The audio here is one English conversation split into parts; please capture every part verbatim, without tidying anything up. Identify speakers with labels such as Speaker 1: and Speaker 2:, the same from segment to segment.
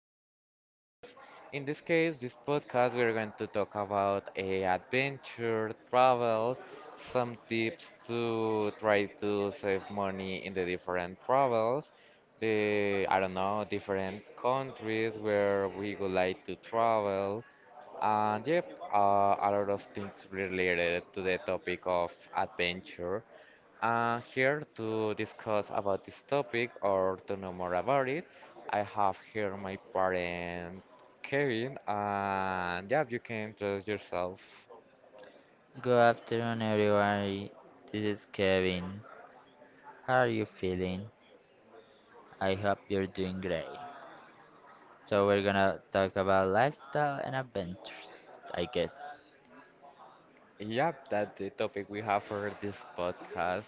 Speaker 1: another podcast. In this case, this podcast we are going to talk about a adventure, travel, some tips to try to save money in the different travels, the I don't know different countries where we would like to travel, and yep, uh, a lot of things related to the topic of adventure. Uh, here to discuss about this topic or to know more about it, I have here my parent Kevin, and yeah, you can introduce yourself.
Speaker 2: Good afternoon, everyone. This is Kevin. How are you feeling? I hope you're doing great. So, we're gonna talk about lifestyle and adventures, I guess.
Speaker 1: Yep, that's the topic we have for this podcast.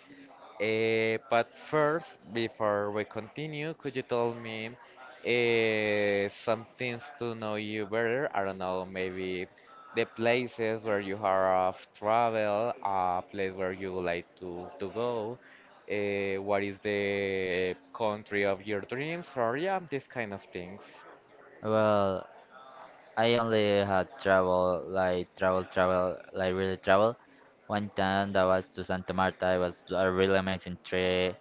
Speaker 1: Eh, but first, before we continue, could you tell me eh, some things to know you better? I don't know, maybe the places where you have traveled, a place where you would like to, to go, eh, what is the country of your dreams, or yeah, these kind of things.
Speaker 2: Well, I only had travel, like travel, travel, like really travel. One time that was to Santa Marta, it was a really amazing trip.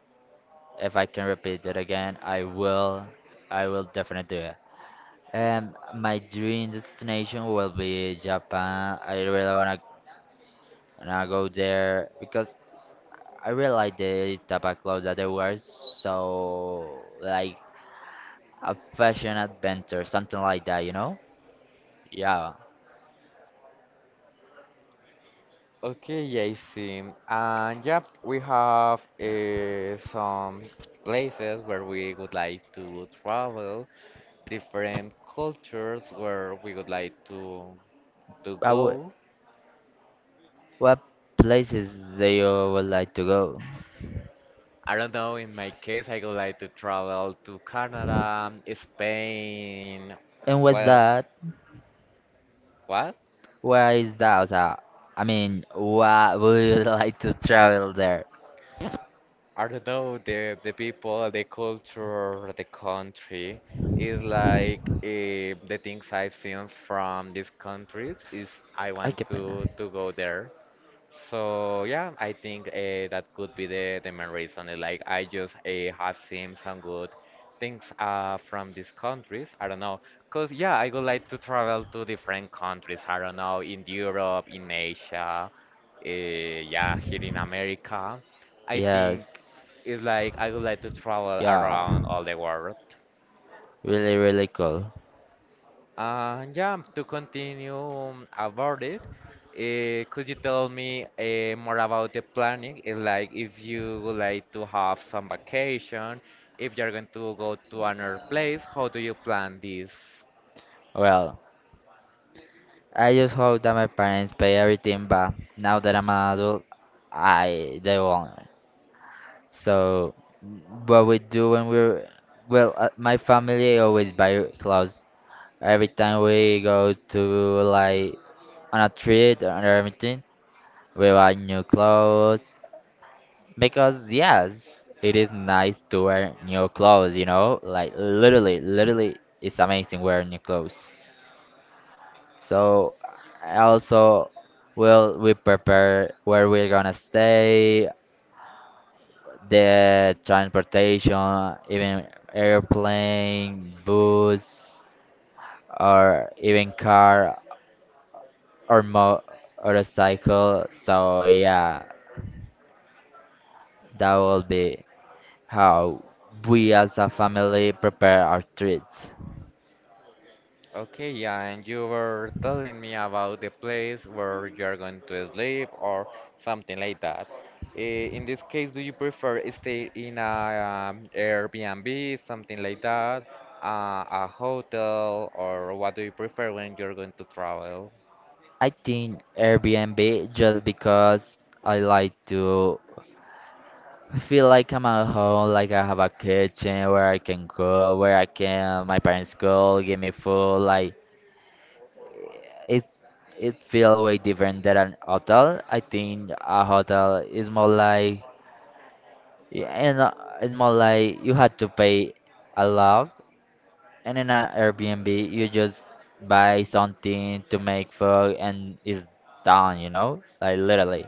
Speaker 2: If I can repeat it again, I will. I will definitely do it. Um, my dream destination will be Japan. I really wanna and I go there because I realized the type of clothes that they wear. So like a fashion adventure, something like that, you know? Yeah.
Speaker 1: Okay, yeah, I see. And yeah, we have uh, some places where we would like to travel, different cultures where we would like to to
Speaker 2: But wh-
Speaker 1: go.
Speaker 2: what places do you would like to go?
Speaker 1: I don't know, in my case, I would like to travel to Canada, Spain.
Speaker 2: And what's
Speaker 1: Well,
Speaker 2: that?
Speaker 1: what?
Speaker 2: Where is that? O sea, I mean, what would you like to travel there?
Speaker 1: I don't know, the the people, the culture, the country is like eh, the things I've seen from these countries is I
Speaker 2: Ay,
Speaker 1: want
Speaker 2: qué pena.
Speaker 1: to to go there. So yeah, I think uh, that could be the, the main reason. uh, Like I just uh, have seen some good things uh, from these countries. I don't know, cause yeah, I would like to travel to different countries. I don't know, in Europe, in Asia, uh, yeah, here in America. I think it's
Speaker 2: Yes.
Speaker 1: like I would like to travel
Speaker 2: Yeah.
Speaker 1: around all the world.
Speaker 2: Really, really cool.
Speaker 1: Uh, yeah, to continue um, about it, uh, could you tell me uh, more about the planning? It's like if you would like to have some vacation, if you're going to go to another place, how do you plan this?
Speaker 2: Well, I just hope that my parents pay everything, but now that I'm an adult, I they won't. So what we do when we're well, uh, my family always buy clothes. Every time we go to like on a trip or anything, we buy new clothes because yes, it is nice to wear new clothes. You know, like literally, literally, it's amazing wearing new clothes. So I also will we prepare where we're gonna stay, the transportation, even airplane, bus, or even car or mo motorcycle. So yeah, that will be how we as a family prepare our trips.
Speaker 1: Okay, yeah, and you were telling me about the place where you're going to sleep or something like that. Eh, In this case, do you prefer stay in a um, Airbnb, something like that, uh, a hotel, or what do you prefer when you're going to travel?
Speaker 2: I think Airbnb just because I like to I feel like I'm at home, like I have a kitchen where I can go, where I can, my parents go, give me food. Like it, it feels way different than an hotel. I think a hotel is more like, yeah, and uh, it's more like you had to pay a lot, and in an Airbnb you just buy something to make food and it's done, you know, like literally.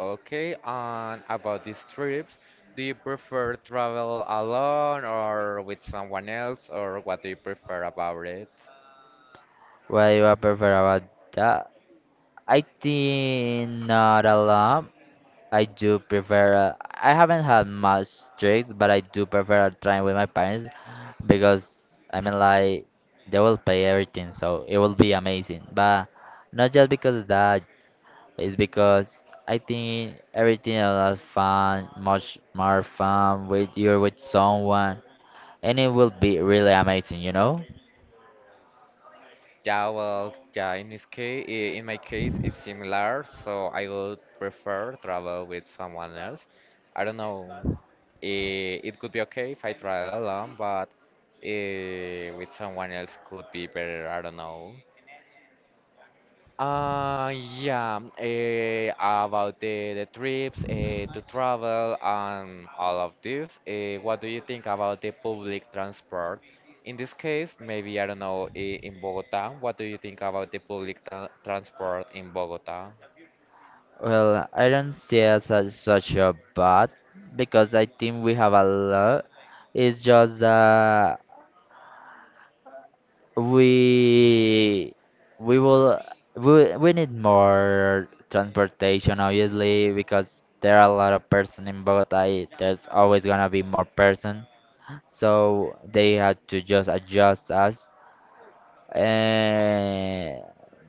Speaker 1: Okay, and about these trips, do you prefer travel alone or with someone else, or what do you prefer about it?
Speaker 2: What do I prefer about that? I think not a lot I do prefer. Uh, I haven't had much tricks, but I do prefer trying with my parents because I mean, like, they will pay everything, so it will be amazing. But not just because of that, it's because I think everything a lot fun, much more fun with you, with someone, and it will be really amazing, you know?
Speaker 1: Yeah, well, yeah, in this case, in my case, it's similar, so I would prefer travel with someone else. I don't know, eh, it could be okay if I travel alone, but eh, with someone else could be better, I don't know. Uh, yeah, eh, about the, the trips eh, to travel and all of this, eh, what do you think about the public transport? In this case, maybe, I don't know, eh, in Bogota, what do you think about the public tra transport in Bogota?
Speaker 2: Well, I don't see it as such a bad because I think we have a lot. It's just that we we will we, we need more transportation obviously because there are a lot of person in Bogota, there's always gonna be more person, so they had to just adjust us and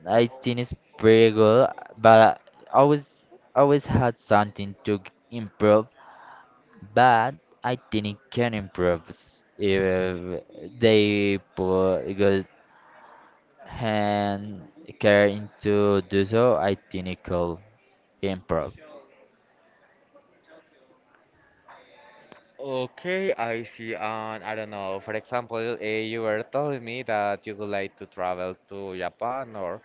Speaker 2: I think it's pretty good, but I always always had something to g- improve, but I think it can improve s- if they put and care to do so, identical improv.
Speaker 1: Okay, I see. And I don't know, for example, eh, you were telling me that you would like to travel to Japan or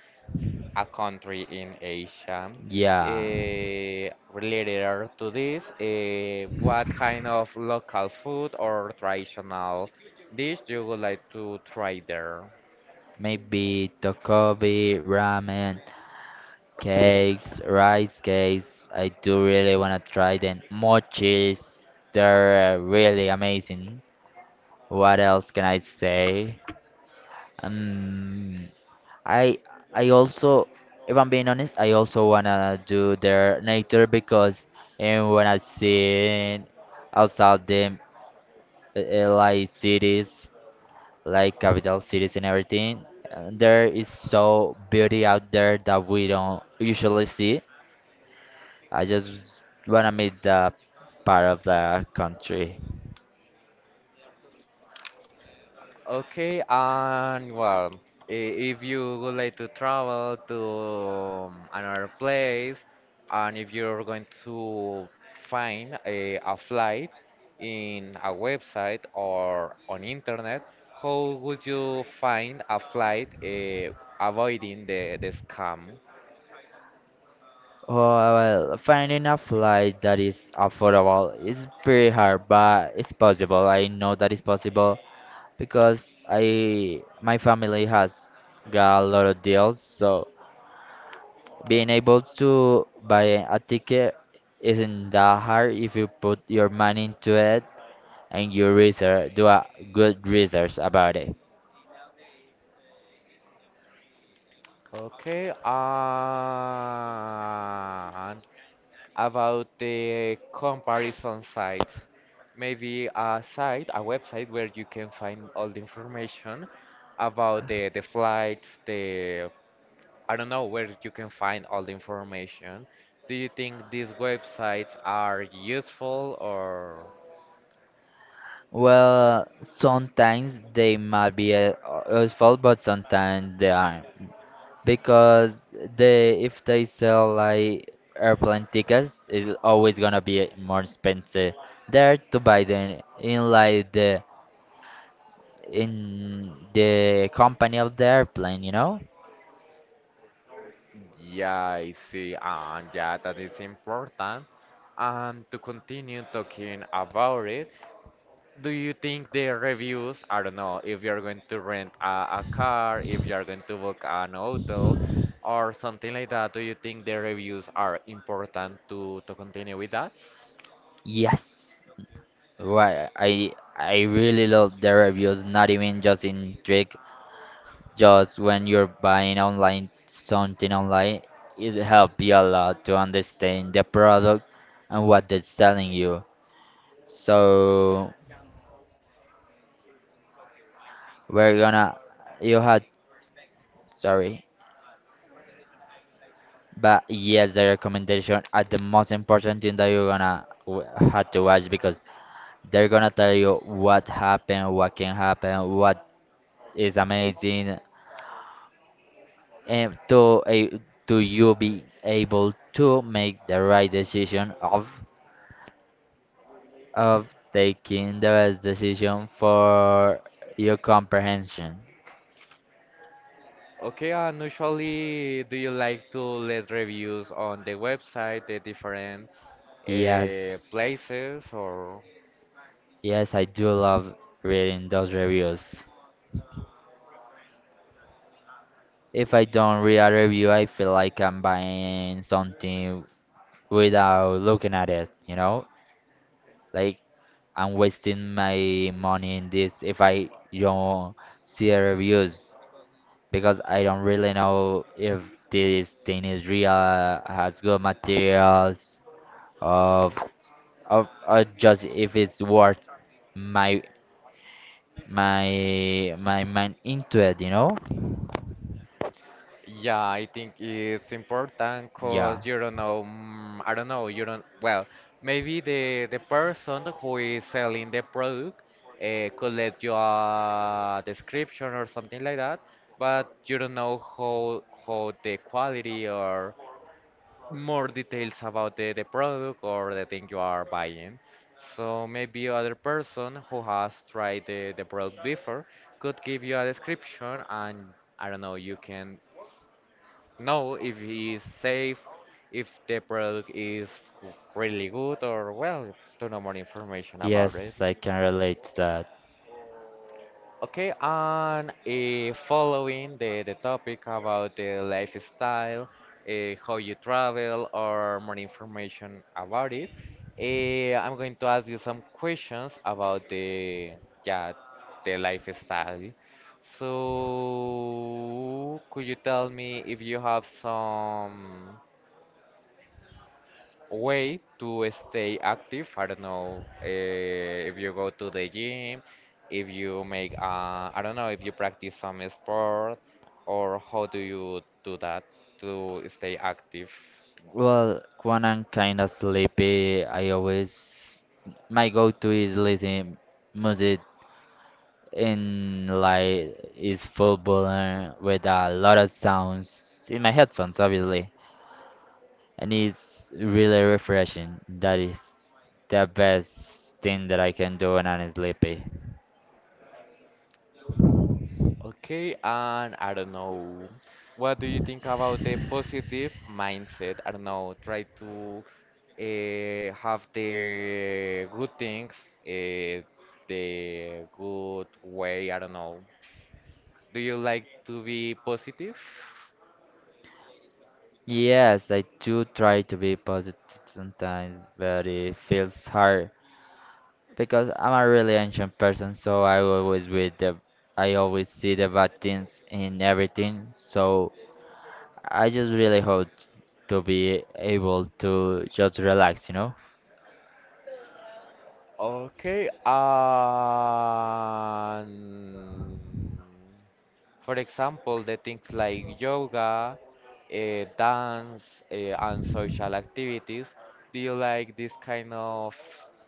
Speaker 1: a country in Asia.
Speaker 2: Yeah,
Speaker 1: Eh, related to this, eh, what kind of local food or traditional dish you would like to try there?
Speaker 2: maybe Takobi ramen, cakes, rice cakes. I do really want to try them. Mochis, they're uh, really amazing. What else can I say? Um, I I also, if I'm being honest, I also wanna do their nature because and when I see outside them. Uh, like cities, like capital cities and everything. Uh, There is so beauty out there that we don't usually see. I just wanna meet that part of the country.
Speaker 1: Okay, and well, i- if you would like to travel to um, another place, and if you're going to find a, a flight in a website or on internet, how would you find a flight uh, avoiding the, the scam?
Speaker 2: Oh, well, finding a flight that is affordable is pretty hard, but it's possible. I know that it's possible because I my family has got a lot of deals, so being able to buy a ticket isn't that hard if you put your money into it and you research, do a good research about it.
Speaker 1: Okay, uh, about the comparison sites. Maybe a site, a website where you can find all the information about the, the flights, the I don't know where you can find all the information. Do you think these websites are useful or
Speaker 2: Well, sometimes they might be uh, useful, but sometimes they aren't. Because they, if they sell like airplane tickets, it's always gonna be more expensive there to buy them in like the in the company of the airplane, you know?
Speaker 1: yeah, I see, and yeah, that is important. And to continue talking about it, do you think the reviews, I don't know, if you're going to rent a, a car, if you're going to book an hotel or something like that, do you think the reviews are important to, to continue with that?
Speaker 2: Yes. Right, I I really love the reviews, not even just in Trick, just when you're buying online something online, it helps you a lot to understand the product and what they're selling you. So we're gonna you had sorry, but yes, the recommendation are the most important thing that you're gonna w- have to watch because they're gonna tell you what happened, what can happen, what is amazing, and to a to you be able to make the right decision of of taking the best decision for your comprehension.
Speaker 1: Okay, and usually do you like to let reviews on the website, the different uh,
Speaker 2: Yes,
Speaker 1: places or
Speaker 2: yes, I do love reading those reviews. If I don't read a review, I feel like I'm buying something without looking at it, you know? Like I'm wasting my money in this if I don't see the reviews. Because I don't really know if this thing is real, has good materials, of of or just if it's worth my my my mind into it, you know?
Speaker 1: yeah, I think it's important because
Speaker 2: Yeah.
Speaker 1: you don't know, mm, I don't know, you don't, well, maybe the the person who is selling the product uh, could let you a description or something like that, but you don't know how how the quality or more details about the, the product or the thing you are buying. So maybe other person who has tried the, the product before could give you a description and I don't know, you can know if he is safe, if the product is really good, or well, to know more information about it.
Speaker 2: Yes, I can relate to that.
Speaker 1: Okay, and uh, following the, the topic about the lifestyle, uh, how you travel, or more information about it, uh, I'm going to ask you some questions about the yeah the lifestyle. So, could you tell me if you have some way to stay active. I don't know uh, if you go to the gym, if you make, uh, I don't know, if you practice some sport, or how do you do that to stay active?
Speaker 2: Well, when I'm kind of sleepy, I always my go-to is listening music in like is football uh, with a lot of sounds in my headphones, obviously. And it's really refreshing. That is the best thing that I can do when I'm sleepy.
Speaker 1: Okay, and I don't know, what do you think about the positive mindset? I don't know, try to uh, have the good things, uh, the good way, I don't know. Do you like to be positive?
Speaker 2: Yes, I do try to be positive sometimes, but it feels hard because I'm a really ancient person, so I always read the, I always see the bad things in everything. So I just really hope to be able to just relax, you know.
Speaker 1: Okay, and for example, the things like yoga, uh, dance, uh, and social activities. Do you like this kind of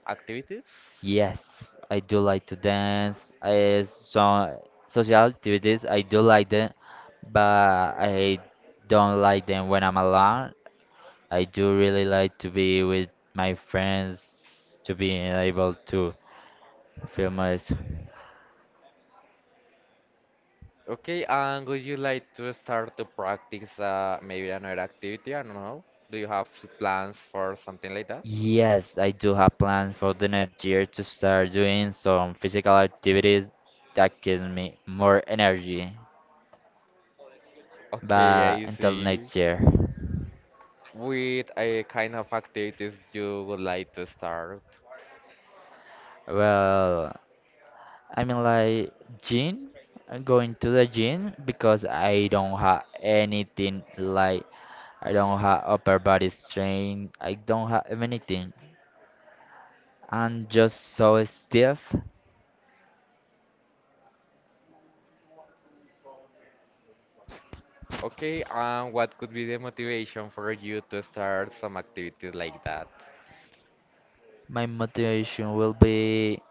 Speaker 1: activities?
Speaker 2: Yes, I do like to dance. I some social activities I do like them, but I don't like them when I'm alone. I do really like to be with my friends to be able to feel my.
Speaker 1: Okay, and would you like to start to practice uh, maybe another activity? I don't know. Do you have plans for something like that?
Speaker 2: Yes, I do have plans for the next year to start doing some physical activities that gives me more energy.
Speaker 1: Okay,
Speaker 2: But
Speaker 1: I
Speaker 2: until
Speaker 1: see.
Speaker 2: next year,
Speaker 1: With a kind of activities you would like to start.
Speaker 2: well, I mean, like gym, I going to the gym because I don't have anything. Like I don't have upper body strength. I don't have anything. I'm just so stiff.
Speaker 1: Okay, and what could be the motivation for you to start some activities like that?
Speaker 2: My motivation will be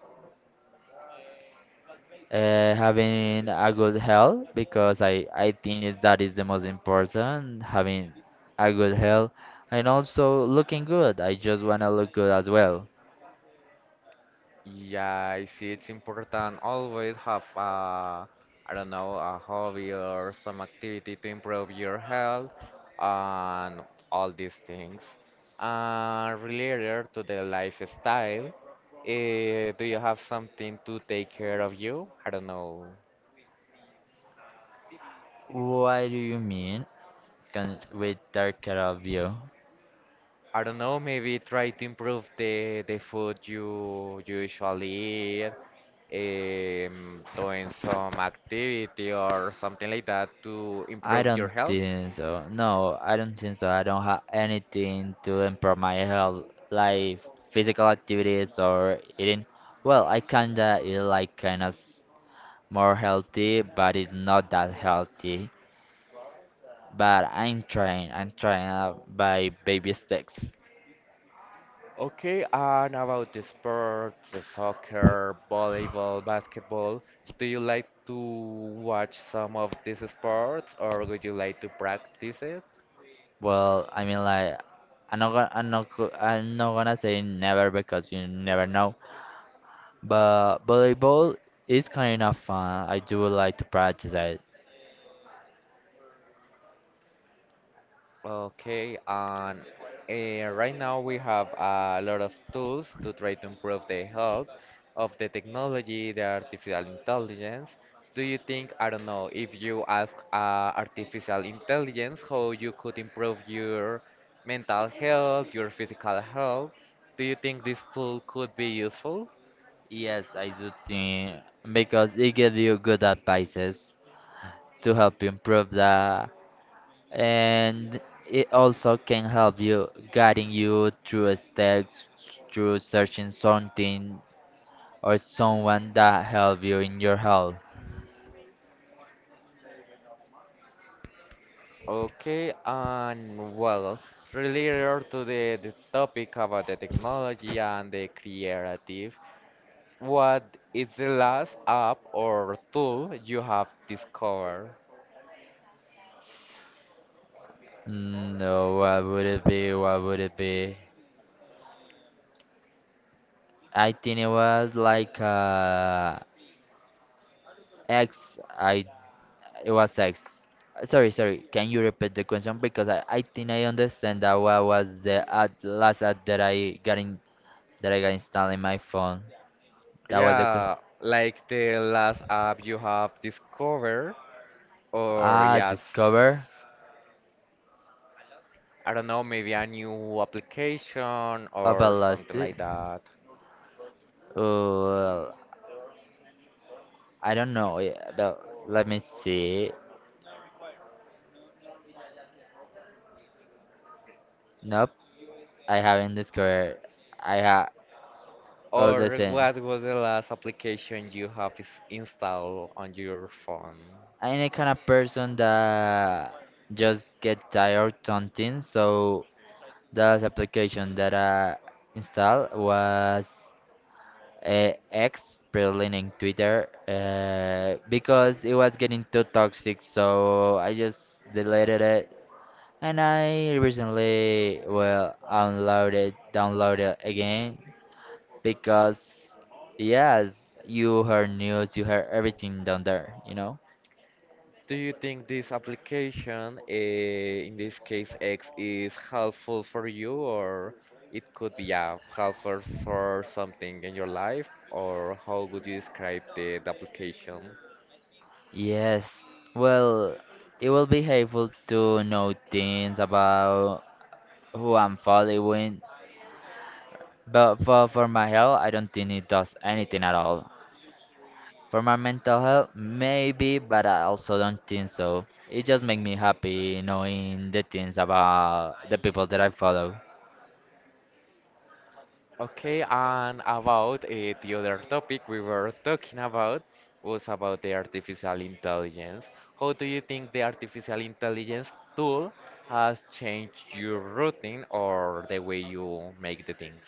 Speaker 2: uh, having a good health because I I think is that is the most important. Having a good health and also looking good. I just wanna look good as well.
Speaker 1: Yeah, I see it's important always have a, I don't know, a hobby or some activity to improve your health and all these things. And related to the lifestyle, eh, do you have something to take care of you? I don't know.
Speaker 2: What do you mean? Can we take care of you?
Speaker 1: I don't know, maybe try to improve the the food you you usually eat, um, doing some activity or something like that to
Speaker 2: I
Speaker 1: improve your
Speaker 2: don't
Speaker 1: health.
Speaker 2: think so. No, I don't think so. I don't have anything to improve my health, like physical activities or eating. Well, I kinda eat like kind of more healthy, but it's not that healthy. But I'm trying. I'm trying uh, by baby steps.
Speaker 1: Okay, and about the sports, the soccer, volleyball, basketball, do you like to watch some of these sports or would you like to practice it?
Speaker 2: Well, I mean like I'm not gonna I'm not go- I'm not gonna say never because you never know. But volleyball is kind of fun. I do like to practice it.
Speaker 1: Okay, and uh, right now we have a lot of tools to try to improve the health of the technology, the artificial intelligence. Do you think, I don't know, if you ask uh, artificial intelligence how you could improve your mental health, your physical health, do you think this tool could be useful?
Speaker 2: Yes, I do think because it gives you good advices to help you improve that, and it also can help you guiding you through steps, through searching something or someone that help you in your health.
Speaker 1: Okay, and well, related to the, the topic about the technology and the creative. What is the last app or tool you have discovered?
Speaker 2: Mm, no, what would it be? What would it be? I think it was like uh, X. I It was like, s- sorry, sorry. Can you repeat the question because I, I think I understand that what was the ad, last ad that I got in that I got installed in my phone. That was a question.
Speaker 1: Yeah, like the last app you have discovered, or
Speaker 2: Ah,
Speaker 1: yes,
Speaker 2: discover
Speaker 1: I don't know, maybe a new application
Speaker 2: about
Speaker 1: or
Speaker 2: lost
Speaker 1: something
Speaker 2: it.
Speaker 1: like that.
Speaker 2: Oh, I don't know. Yeah, but let me see. Nope, I haven't discovered. I have all the
Speaker 1: Or
Speaker 2: same.
Speaker 1: what was the last application you have is installed on your phone?
Speaker 2: I'm the kind of person that just get tired of something, so the application that I installed was uh, X, prelining Twitter, uh, because it was getting too toxic, so I just deleted it. And I recently, well, unloaded, downloaded again, because, yes, you heard news, you heard everything down there, you know?
Speaker 1: Do you think this application, uh, in this case X, is helpful for you, or it could be yeah, helpful for something in your life, or how would you describe the, the application?
Speaker 2: Yes, well, it will be helpful to know things about who I'm following. But for, for my health, I don't think it does anything at all. For my mental health, maybe, but I also don't think so. It just makes me happy knowing the things about the people that I follow.
Speaker 1: Okay, and about uh, the other topic we were talking about was about the artificial intelligence. How do you think the artificial intelligence tool has changed your routine or the way you make the things?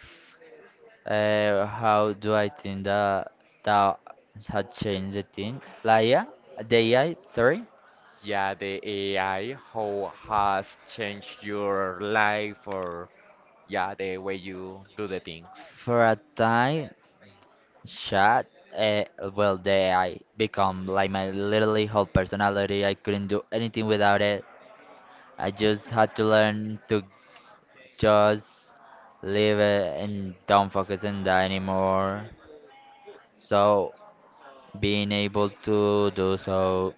Speaker 2: Uh, how do I think that that had changed the thing? Like, yeah, the A I, sorry.
Speaker 1: Yeah, the A I, how has changed your life or yeah, the way you do the things.
Speaker 2: For a time, chat, uh, well, the A I become like my literally whole personality. I couldn't do anything without it. I just had to learn to just live it and don't focus on that anymore. So being able to do so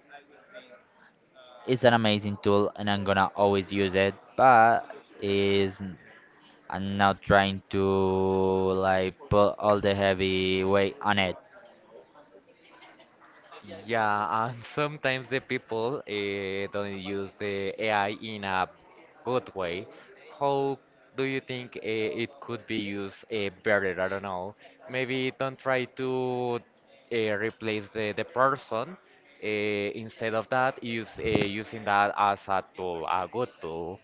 Speaker 2: is an amazing tool and I'm gonna always use it, but is I'm not trying to like put all the heavy weight on it.
Speaker 1: Yeah, and sometimes the people uh, don't use the A I in a good way. How do you think uh, it could be used uh, better? I don't know. Maybe don't try to uh, replace the, the person. Uh, instead of that, use uh, using that as a tool, a good tool.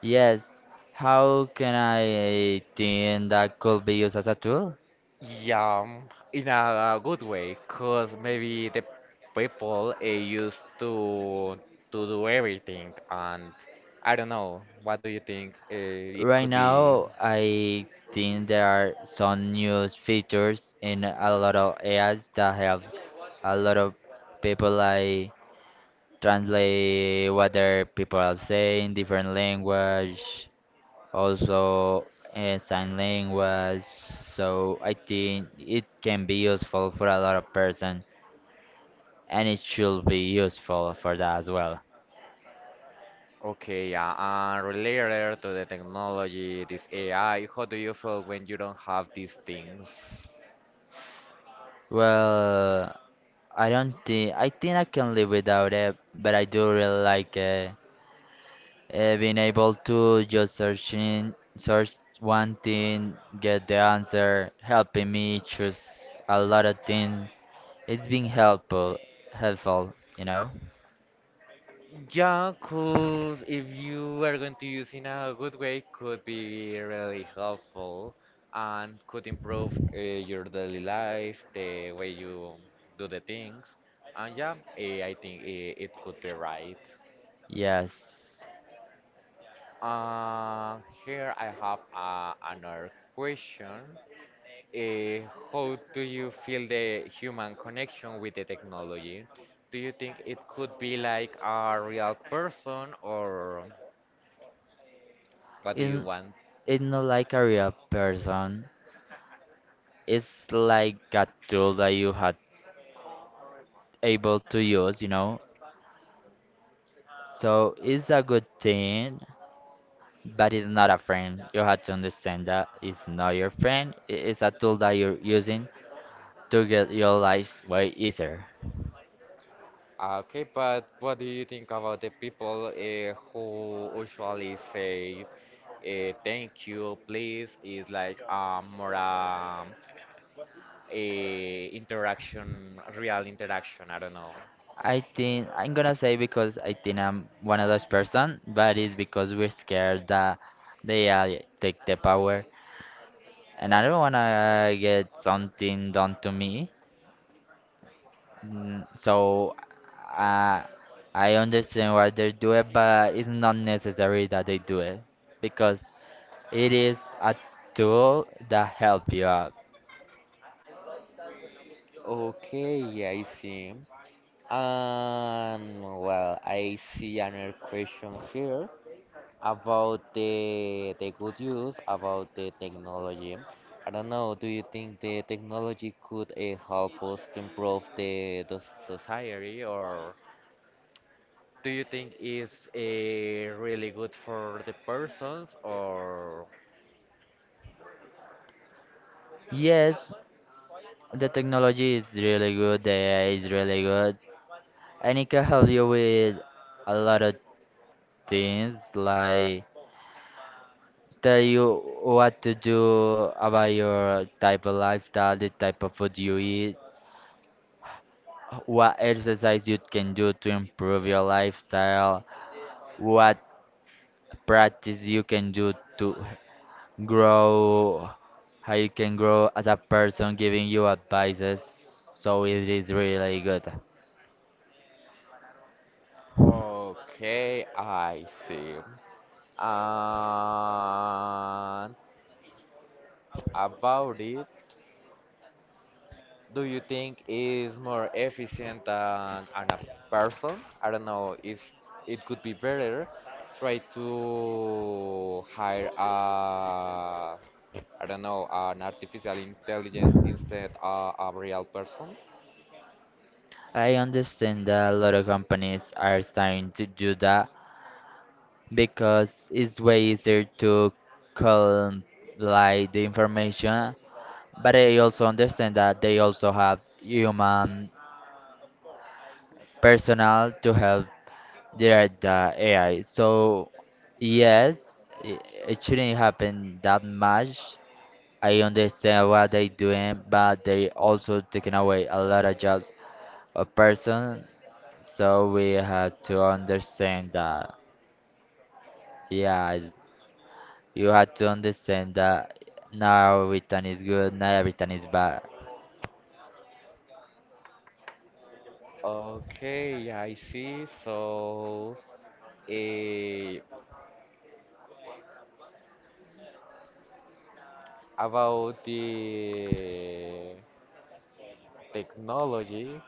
Speaker 2: Yes, how can I think that could be used as a tool?
Speaker 1: Yeah, um, in a good way, cause maybe the people uh, used to to do everything, and I don't know. What do you think? Uh, it
Speaker 2: Right
Speaker 1: could be
Speaker 2: now, I think there are some new features in a lot of A Is that help a lot of people like translate what their people are saying different language, also uh, sign language, so I think it can be useful for a lot of person and it should be useful for that as well.
Speaker 1: okay. Yeah, and related to the technology, this A I. How do you feel when you don't have these things?
Speaker 2: Well i don't think I think I can live without it, but I do really like it. Uh, being able to just searching, search one thing, get the answer, helping me choose a lot of things. It's been helpful, helpful, you know?
Speaker 1: Yeah, could if you are going to use in a good way, could be really helpful and could improve uh, your daily life, the way you do the things. And yeah, eh, I think it, it could be right.
Speaker 2: Yes.
Speaker 1: Uh, here I have uh, another question. Uh, how do you feel the human connection with the technology? Do you think it could be like a real person, or what do you
Speaker 2: It's,
Speaker 1: want?
Speaker 2: it's not like a real person. It's like a tool that you had able to use, you know? So it's a good thing, but it's not a friend. You have to understand that it's not your friend. i- It's a tool that you're using to get your life way easier?
Speaker 1: Ah, okay, but what do you think about the people uh, who usually say uh, thank you, please? Is like a more um, a interaction, real interaction. I don't know.
Speaker 2: I think I'm gonna say because I think I'm one of those person, but it's because we're scared that they uh, take the power, and I don't wanna get something done to me. Mm, so uh, I understand why they do it, but it's not necessary that they do it because it is a tool that help you out.
Speaker 1: Okay, I see. And well, I see another question here about the the good use about the technology. I don't know, do you think the technology could uh, help us to improve the, the society or do you think it's uh, really good for the persons or
Speaker 2: Yes, the technology is really good, the A I is really good, and it can help you with a lot of things, like tell you what to do about your type of lifestyle, the type of food you eat, what exercise you can do to improve your lifestyle, what practice you can do to grow, how you can grow as a person, giving you advices. So it is really good.
Speaker 1: okay, I see. And about it, do you think is more efficient than, than a person? I don't know. Is it could be better try to hire a I don't know an artificial intelligence instead of a real person?
Speaker 2: I understand that a lot of companies are starting to do that because it's way easier to collect like the information, but I also understand that they also have human personnel to help direct the AI. So yes it, it shouldn't happen that much. I understand what they're doing, but they also taking away a lot of jobs of person, so we have to understand that yeah. You have to understand that not everything is good, not everything is bad.
Speaker 1: Okay, I see. So, eh, about the technology,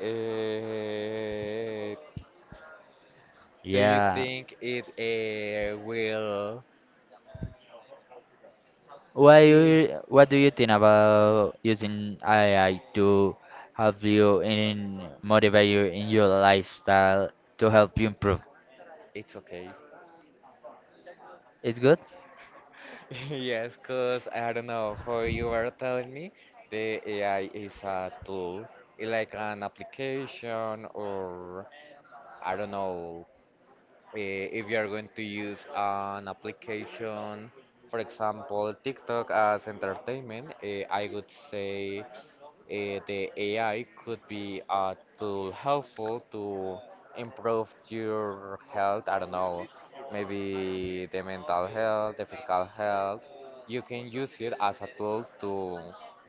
Speaker 1: eh, do you
Speaker 2: Yeah.
Speaker 1: think it uh, will?
Speaker 2: What
Speaker 1: Im-
Speaker 2: you what do you think about using A I to help you in motivate you in your lifestyle to help you improve?
Speaker 1: it's okay.
Speaker 2: It's good?
Speaker 1: Yes, cause I don't know how you were telling me the A I is a tool, eh, like an application, or I don't know uh, if you are going to use an application, for example, TikTok as entertainment. Uh, I would say eh, the A I could be a tool helpful to improve your health. I don't know, maybe the mental health, the physical health. You can use it as a tool to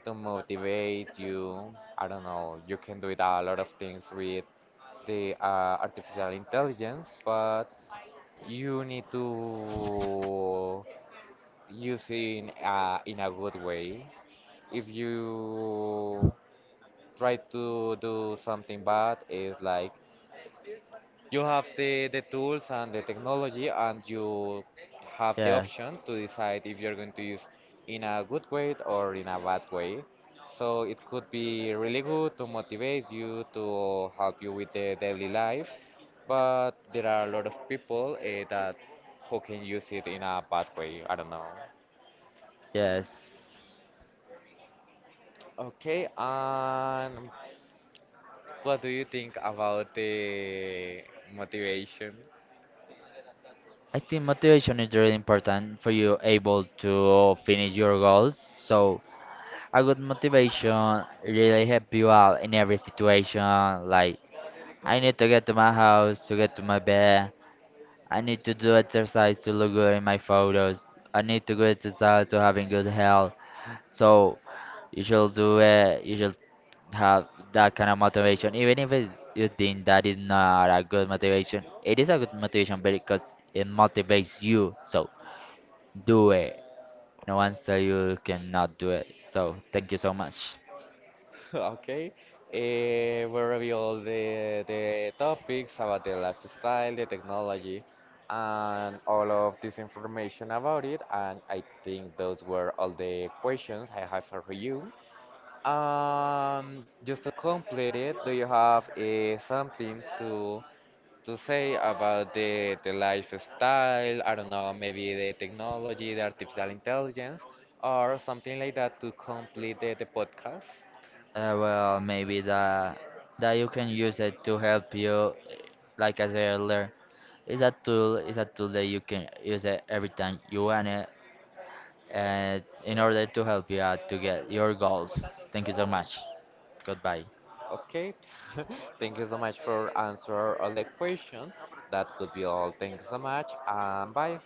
Speaker 1: to motivate you. I don't know. You can do it a lot of things with the uh, artificial intelligence, but you need to use it in a, in a good way. If you try to do something bad is like you have the, the tools and the technology and you have the option
Speaker 2: Yes.
Speaker 1: to decide if you're going to use in a good way or in a bad way, so it could be really good to motivate you to help you with the daily life, but there are a lot of people uh, that who can use it in a bad way, I don't know.
Speaker 2: Yes.
Speaker 1: Okay, and what do you think about the motivation?
Speaker 2: I think motivation is really important for you able to finish your goals. So a good motivation really help you out in every situation, like I need to get to my house, to get to my bed. I need to do exercise to look good in my photos. I need to go exercise to having good health. So you should do it. You should have that kind of motivation, even if it's, you think that is not a good motivation. It is a good motivation because it motivates you. So do it. No one say you cannot do it. So thank you so much.
Speaker 1: Okay, eh, we reveal the the topics about the lifestyle, the technology, and all of this information about it. And I think those were all the questions I have for you. Um, just to complete it, do you have eh, something to to say about the the lifestyle? I don't know, maybe the technology, the artificial intelligence, or something like that to complete the, the podcast?
Speaker 2: Uh, well, maybe that that you can use it to help you, eh, like I said earlier. It's a tool. It's a tool that you can use it every time you want it, uh, in order to help you out to get your goals. Thank you so much. Goodbye.
Speaker 1: Okay, thank you so much for answer all the question. That could be all. Thank you so much. Um, bye.